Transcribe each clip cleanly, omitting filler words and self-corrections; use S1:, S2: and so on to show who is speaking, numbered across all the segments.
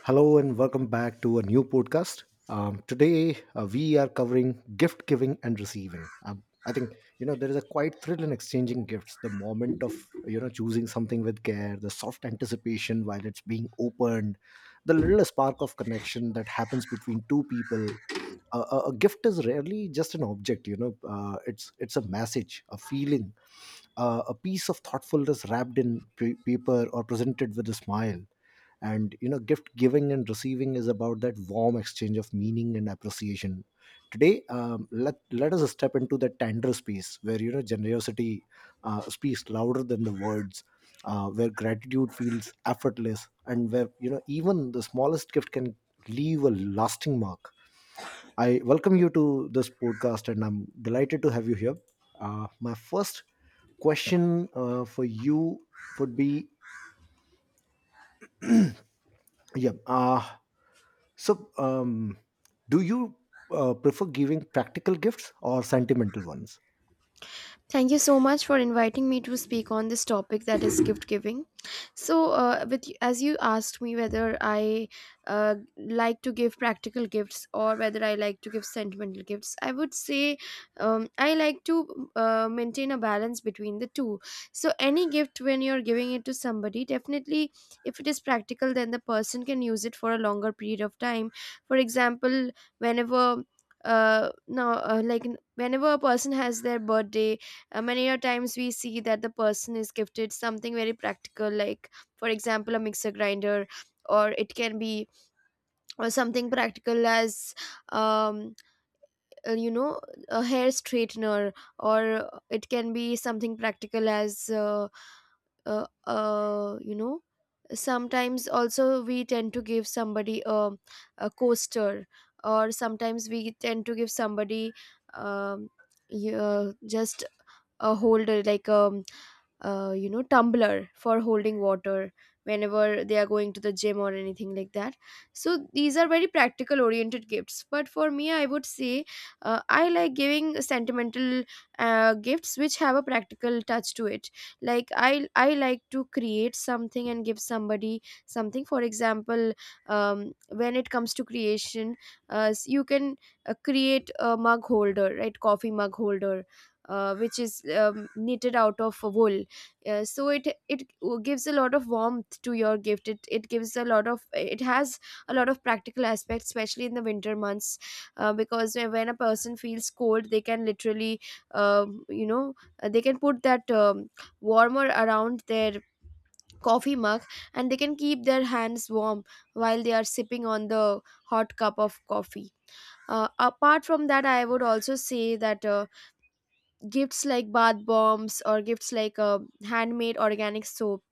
S1: Hello and welcome back to a new podcast. Today, we are covering gift giving and receiving. I think there is a quite thrill in exchanging gifts. The moment of choosing something with care, the soft anticipation while it's being opened, the little spark of connection that happens between two people. A gift is rarely just an object. It's a message, a feeling, a piece of thoughtfulness wrapped in paper or presented with a smile. And gift giving and receiving is about that warm exchange of meaning and appreciation. Today, let us step into that tender space where, generosity speaks louder than the words, where gratitude feels effortless, and where, even the smallest gift can leave a lasting mark. I welcome you to this podcast, and I'm delighted to have you here. My first question, for you, would be, yeah, so, do you prefer giving practical gifts or sentimental ones?
S2: Thank you so much for inviting me to speak on this topic that is gift giving. So, with as you asked me whether I like to give practical gifts or whether I like to give sentimental gifts, I would say I like to maintain a balance between the two. So, any gift when you're giving it to somebody, definitely if it is practical, then the person can use it for a longer period of time. For example, whenever no like n- whenever a person has their birthday, many a times we see that the person is gifted something very practical, like for example a mixer grinder, or it can be, or something practical as um, uh, you know a hair straightener, or it can be something practical as uh, uh, you know sometimes also we tend to give somebody a coaster, or sometimes we tend to give somebody, um, just a holder, like, tumbler for holding water whenever they are going to the gym or anything like that. So these are very practical oriented gifts, but for me I would say I like giving sentimental gifts which have a practical touch to it. Like I like to create something and give somebody something. For example, when it comes to creation, you can create a mug holder, right? Coffee mug holder. Which is knitted out of wool, so it gives a lot of warmth to your gift. It gives a lot of, it has a lot of practical aspects, especially in the winter months, because when a person feels cold they can literally, um, you know they can put that, warmer around their coffee mug, and they can keep their hands warm while they are sipping on the hot cup of coffee. Apart from that, I would also say that gifts like bath bombs, or gifts like handmade organic soap,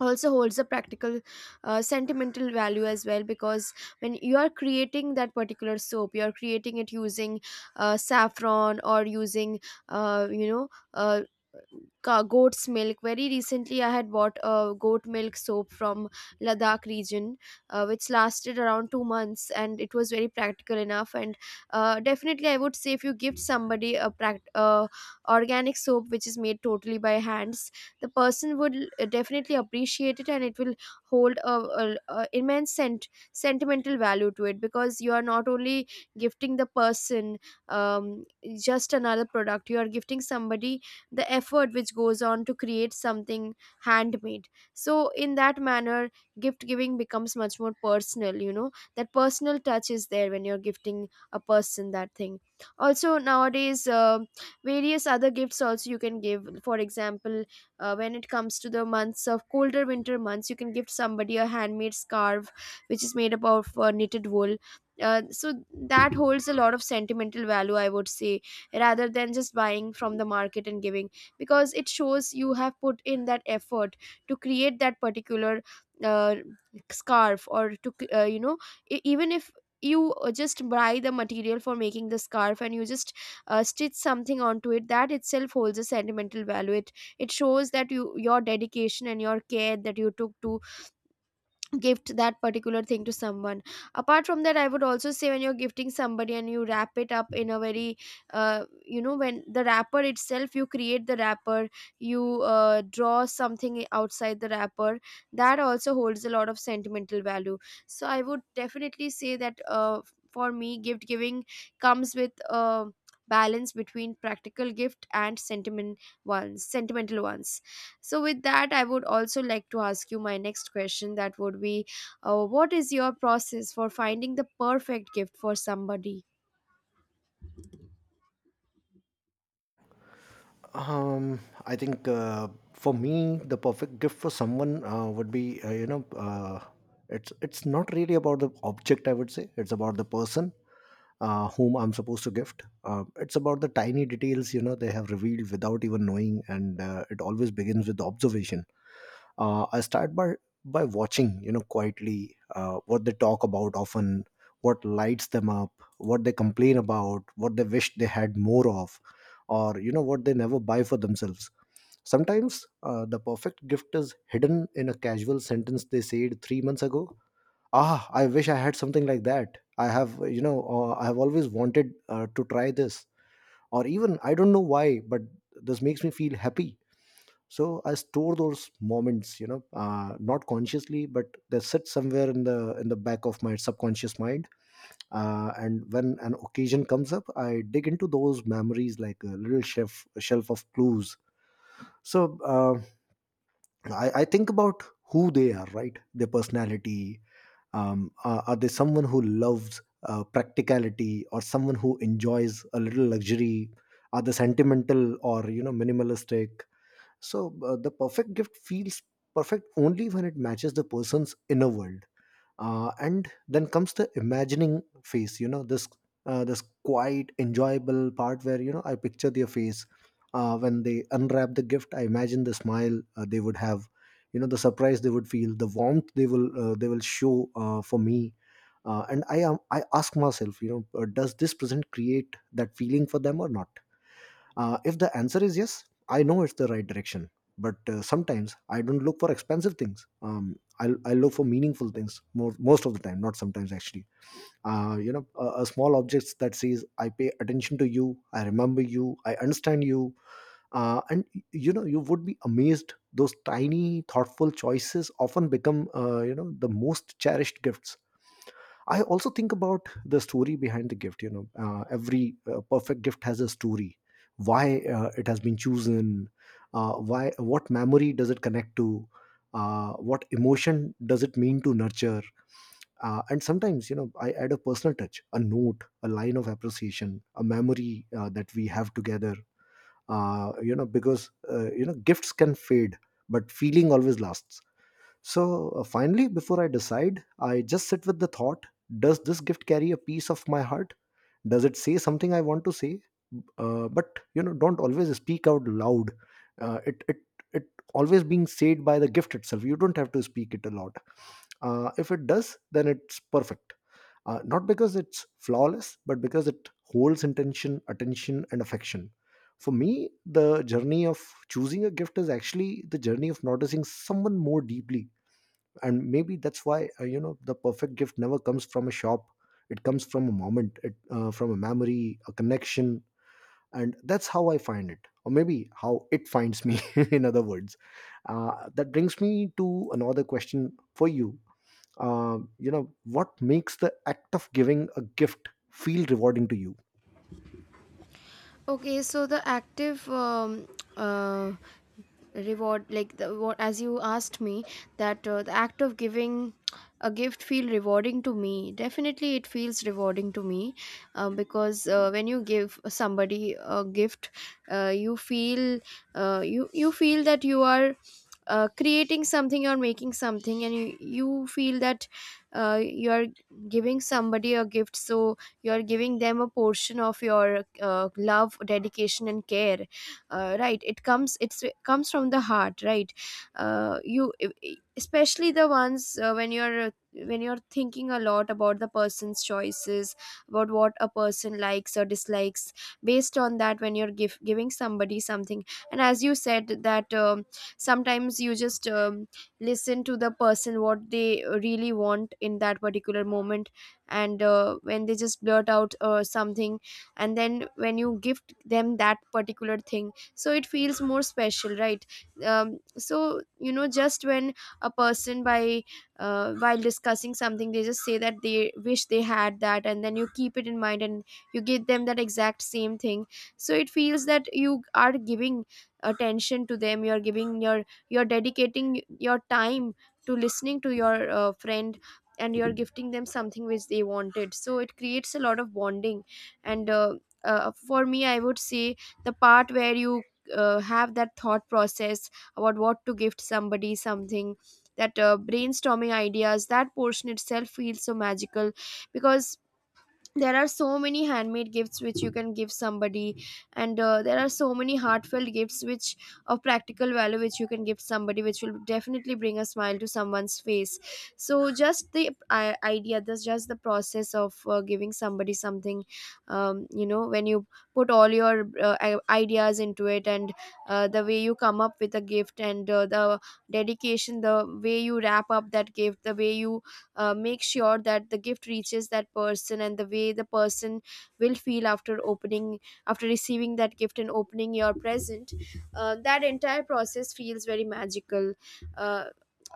S2: also holds a practical sentimental value as well, because when you are creating that particular soap, you are creating it using saffron, or using uh, you know uh, goat's milk. Very recently I had bought a goat milk soap from Ladakh region, which lasted around 2 months, and it was very practical enough. And definitely I would say, if you gift somebody a organic soap which is made totally by hands, the person would definitely appreciate it, and it will hold a immense sentimental value to it, because you are not only gifting the person um, just another product, you are gifting somebody the effort which goes on to create something handmade. So in that manner, gift giving becomes much more personal. You know, that personal touch is there when you're gifting a person that thing. Also nowadays various other gifts also you can give. For example, when it comes to the months of colder winter months, you can gift somebody a handmade scarf which is made up of knitted wool. So that holds a lot of sentimental value, I would say, rather than just buying from the market and giving, because it shows you have put in that effort to create that particular uh, scarf, or to e- even if you just buy the material for making the scarf and you just stitch something onto it, that itself holds a sentimental value. It shows that you, your dedication and your care that you took to gift that particular thing to someone. Apart from that, I would also say, when you're gifting somebody and you wrap it up in a very, uh, when the wrapper itself you create the wrapper, you draw something outside the wrapper, that also holds a lot of sentimental value. So I would definitely say that for me, gift giving comes with a balance between practical gift and sentiment ones, sentimental ones. So, with that, I would also like to ask you my next question, that would be, what is your process for finding the perfect gift for somebody?
S1: Um, I think, for me, the perfect gift for someone, would be, it's not really about the object. I would say it's about the person, whom I'm supposed to gift. It's about the tiny details they have revealed without even knowing, and it always begins with observation. I start by watching, quietly, what they talk about often, what lights them up, what they complain about, what they wish they had more of, or what they never buy for themselves. Sometimes, the perfect gift is hidden in a casual sentence they said 3 months ago. Ah, I wish I had something like that. I have always wanted, to try this, or, even, I don't know why, but this makes me feel happy. So I store those moments, not consciously, but they sit somewhere in the back of my subconscious mind. And when an occasion comes up, I dig into those memories like a little shelf of clues. So, I think about who they are, right, their personality. Are they someone who loves, practicality, or someone who enjoys a little luxury? Are they sentimental, or, minimalistic? So the perfect gift feels perfect only when it matches the person's inner world. And then comes the imagining phase. This quite enjoyable part where, I picture their face, when they unwrap the gift. I imagine the smile, they would have, the surprise they would feel, the warmth they will show, for me. And I ask myself, does this present create that feeling for them or not? If the answer is yes, I know it's the right direction. But, sometimes I don't look for expensive things. I look for meaningful things more, most of the time, not sometimes, actually. A small objects that says, I pay attention to you, I remember you, I understand you, and you know you would be amazed. Those tiny thoughtful choices often become, the most cherished gifts. I also think about the story behind the gift. Every perfect gift has a story. Why it has been chosen? Why? What memory does it connect to? What emotion does it mean to nurture? And sometimes, I add a personal touch, a note, a line of appreciation, a memory that we have together. Because, gifts can fade, but feeling always lasts. So, finally, before I decide, I just sit with the thought: does this gift carry a piece of my heart? Does it say something I want to say? But you know, don't always speak out loud. Uh, it, it, it always being said by the gift itself. You don't have to speak it a lot. If it does, then it's perfect. Not because it's flawless, but because it holds intention, attention, and affection. For me, the journey of choosing a gift is actually the journey of noticing someone more deeply, and maybe that's why, the perfect gift never comes from a shop. It comes from a moment, it from a memory, a connection, and that's how I find it, or maybe how it finds me in other words. That brings me to another question for you. You know What makes the act of giving a gift feel rewarding to you?
S2: Okay, so the active, uh, reward, like the, what as you asked me, that the act of giving a gift feel rewarding to me. Definitely, it feels rewarding to me because when you give somebody a gift, you feel you feel that you are. Creating something or making something, and you feel that you are giving somebody a gift, so you're giving them a portion of your love, dedication and care, right? It comes, it's, it comes from the heart, right? Especially the ones when you're thinking a lot about the person's choices, about what a person likes or dislikes. Based on that, when you're giving somebody something, and as you said that, sometimes you just listen to the person, what they really want in that particular moment, and when they just blurt out something, and then when you gift them that particular thing, so it feels more special, right? So, you know, just when a person by while discussing something, they just say that they wish they had that, and then you keep it in mind and you give them that exact same thing. So it feels that you are giving attention to them, you're giving your, you're dedicating your time to listening to your friend, and you're gifting them something which they wanted, so it creates a lot of bonding. And for me, I would say, the part where you have that thought process about what to gift somebody something, that brainstorming ideas, that portion itself feels so magical, because there are so many handmade gifts which you can give somebody, and there are so many heartfelt gifts which of practical value, which you can give somebody, which will definitely bring a smile to someone's face. So just the idea, this, just the process of giving somebody something, you know, when you put all your ideas into it, and the way you come up with a gift, and the dedication, the way you wrap up that gift, the way you make sure that the gift reaches that person, and the way the person will feel after opening, after receiving that gift and opening your present, that entire process feels very magical. uh,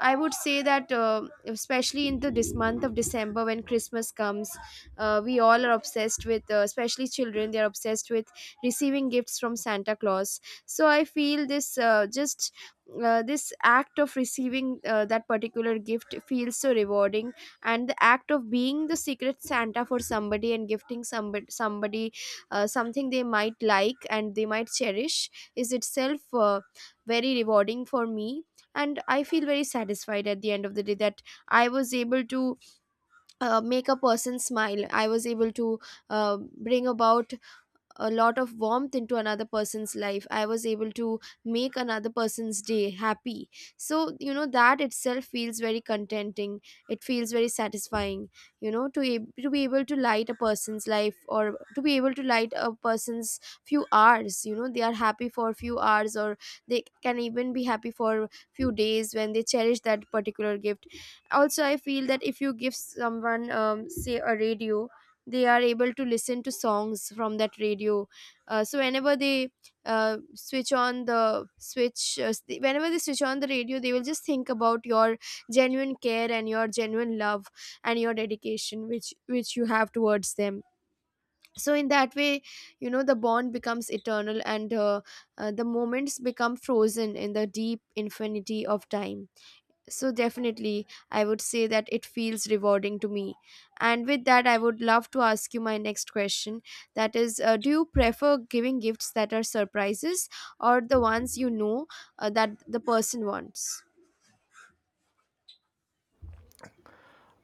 S2: I would say that, especially in the this month of December when Christmas comes, we all are obsessed with, especially children, they are obsessed with receiving gifts from Santa Claus. So I feel this, just this act of receiving that particular gift feels so rewarding, and the act of being the secret Santa for somebody and gifting somebody something they might like and they might cherish, is itself very rewarding for me. And I feel very satisfied at the end of the day, that I was able to make a person smile, I was able to uh, bring about a lot of warmth into another person's life, I was able to make another person's day happy. So, you know, that itself feels very contenting, it feels very satisfying, you know, to to be able to light a person's life, or to be able to light a person's few hours, you know, they are happy for a few hours, or they can even be happy for few days, when they cherish that particular gift. Also I feel that if you give someone, say a radio, they are able to listen to songs from that radio. So whenever they switch on the whenever they switch on the radio, they will just think about your genuine care and your genuine love, and your dedication, which you have towards them. So in that way, you know, the bond becomes eternal, and the moments become frozen in the deep infinity of time. So, definitely, I would say that it feels rewarding to me. And with that, I would love to ask you my next question. That is, do you prefer giving gifts that are surprises, or the ones you know that the person wants?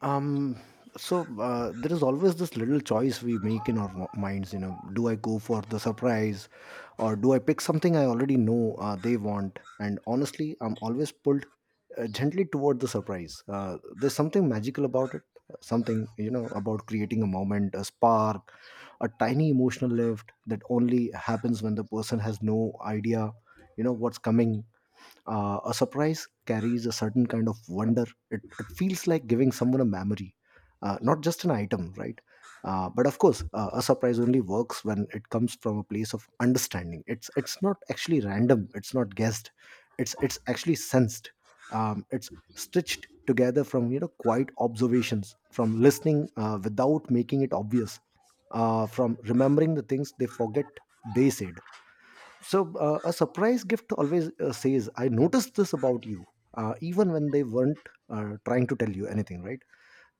S1: um so, there is always this little choice we make in our minds. Do I go for the surprise, or do I pick something I already know they want? And honestly, I'm always pulled, gently toward the surprise. There's something magical about it, something, about creating a moment, a spark, a tiny emotional lift that only happens when the person has no idea, what's coming. A surprise carries a certain kind of wonder. It feels like giving someone a memory, not just an item, right? But of course, a surprise only works when it comes from a place of understanding. It's not actually random. It's not guessed. It's actually sensed. It's stitched together from, quiet observations, from listening, without making it obvious, from remembering the things they forget they said. So a surprise gift always, says, I noticed this about you, even when they weren't, trying to tell you anything, right?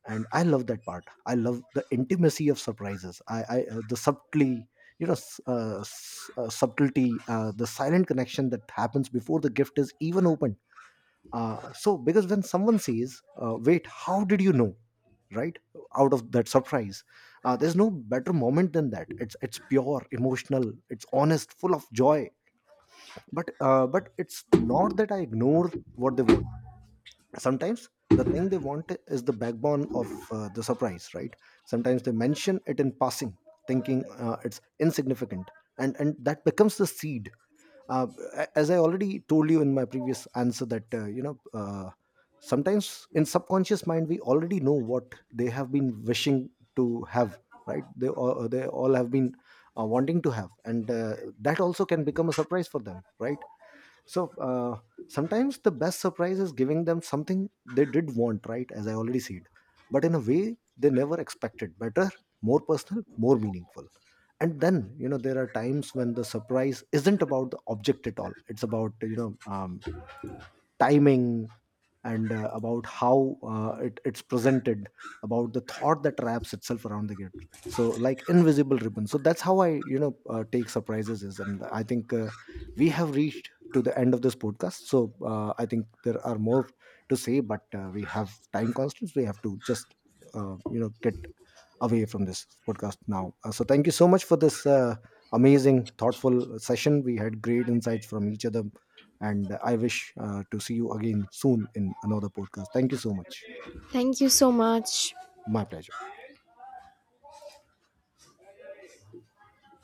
S1: And I love that part. I love the intimacy of surprises. I the subtly you know Subtlety, the silent connection that happens before the gift is even opened. So because when someone says, wait, how did you know, right? Out of that surprise, there's no better moment than that. It's pure emotional, it's honest, full of joy. But it's not that I ignore what they want. Sometimes the thing they want is the backbone of the surprise, right? Sometimes they mention it in passing, thinking it's insignificant, and that becomes the seed. Uh, a- as I already told you in my previous answer that, sometimes in subconscious mind, we already know what they have been wishing to have, right? They all have been, wanting to have. And that also can become a surprise for them, right? So, sometimes the best surprise is giving them something they did want, right, as I already said, but in a way they never expected, better, more personal, more meaningful. And then, there are times when the surprise isn't about the object at all. It's about, timing, and about how it's presented, about the thought that wraps itself around the gift, so like invisible ribbon. So that's how I, take surprises is, and I think, we have reached to the end of this podcast. So I think there are more to say, but we have time constraints. We have to just, get away from this podcast now. So thank you so much for this, amazing, thoughtful session. We had great insights from each other, and I wish, to see you again soon in another podcast. Thank you so much.
S2: Thank you so much.
S1: My pleasure.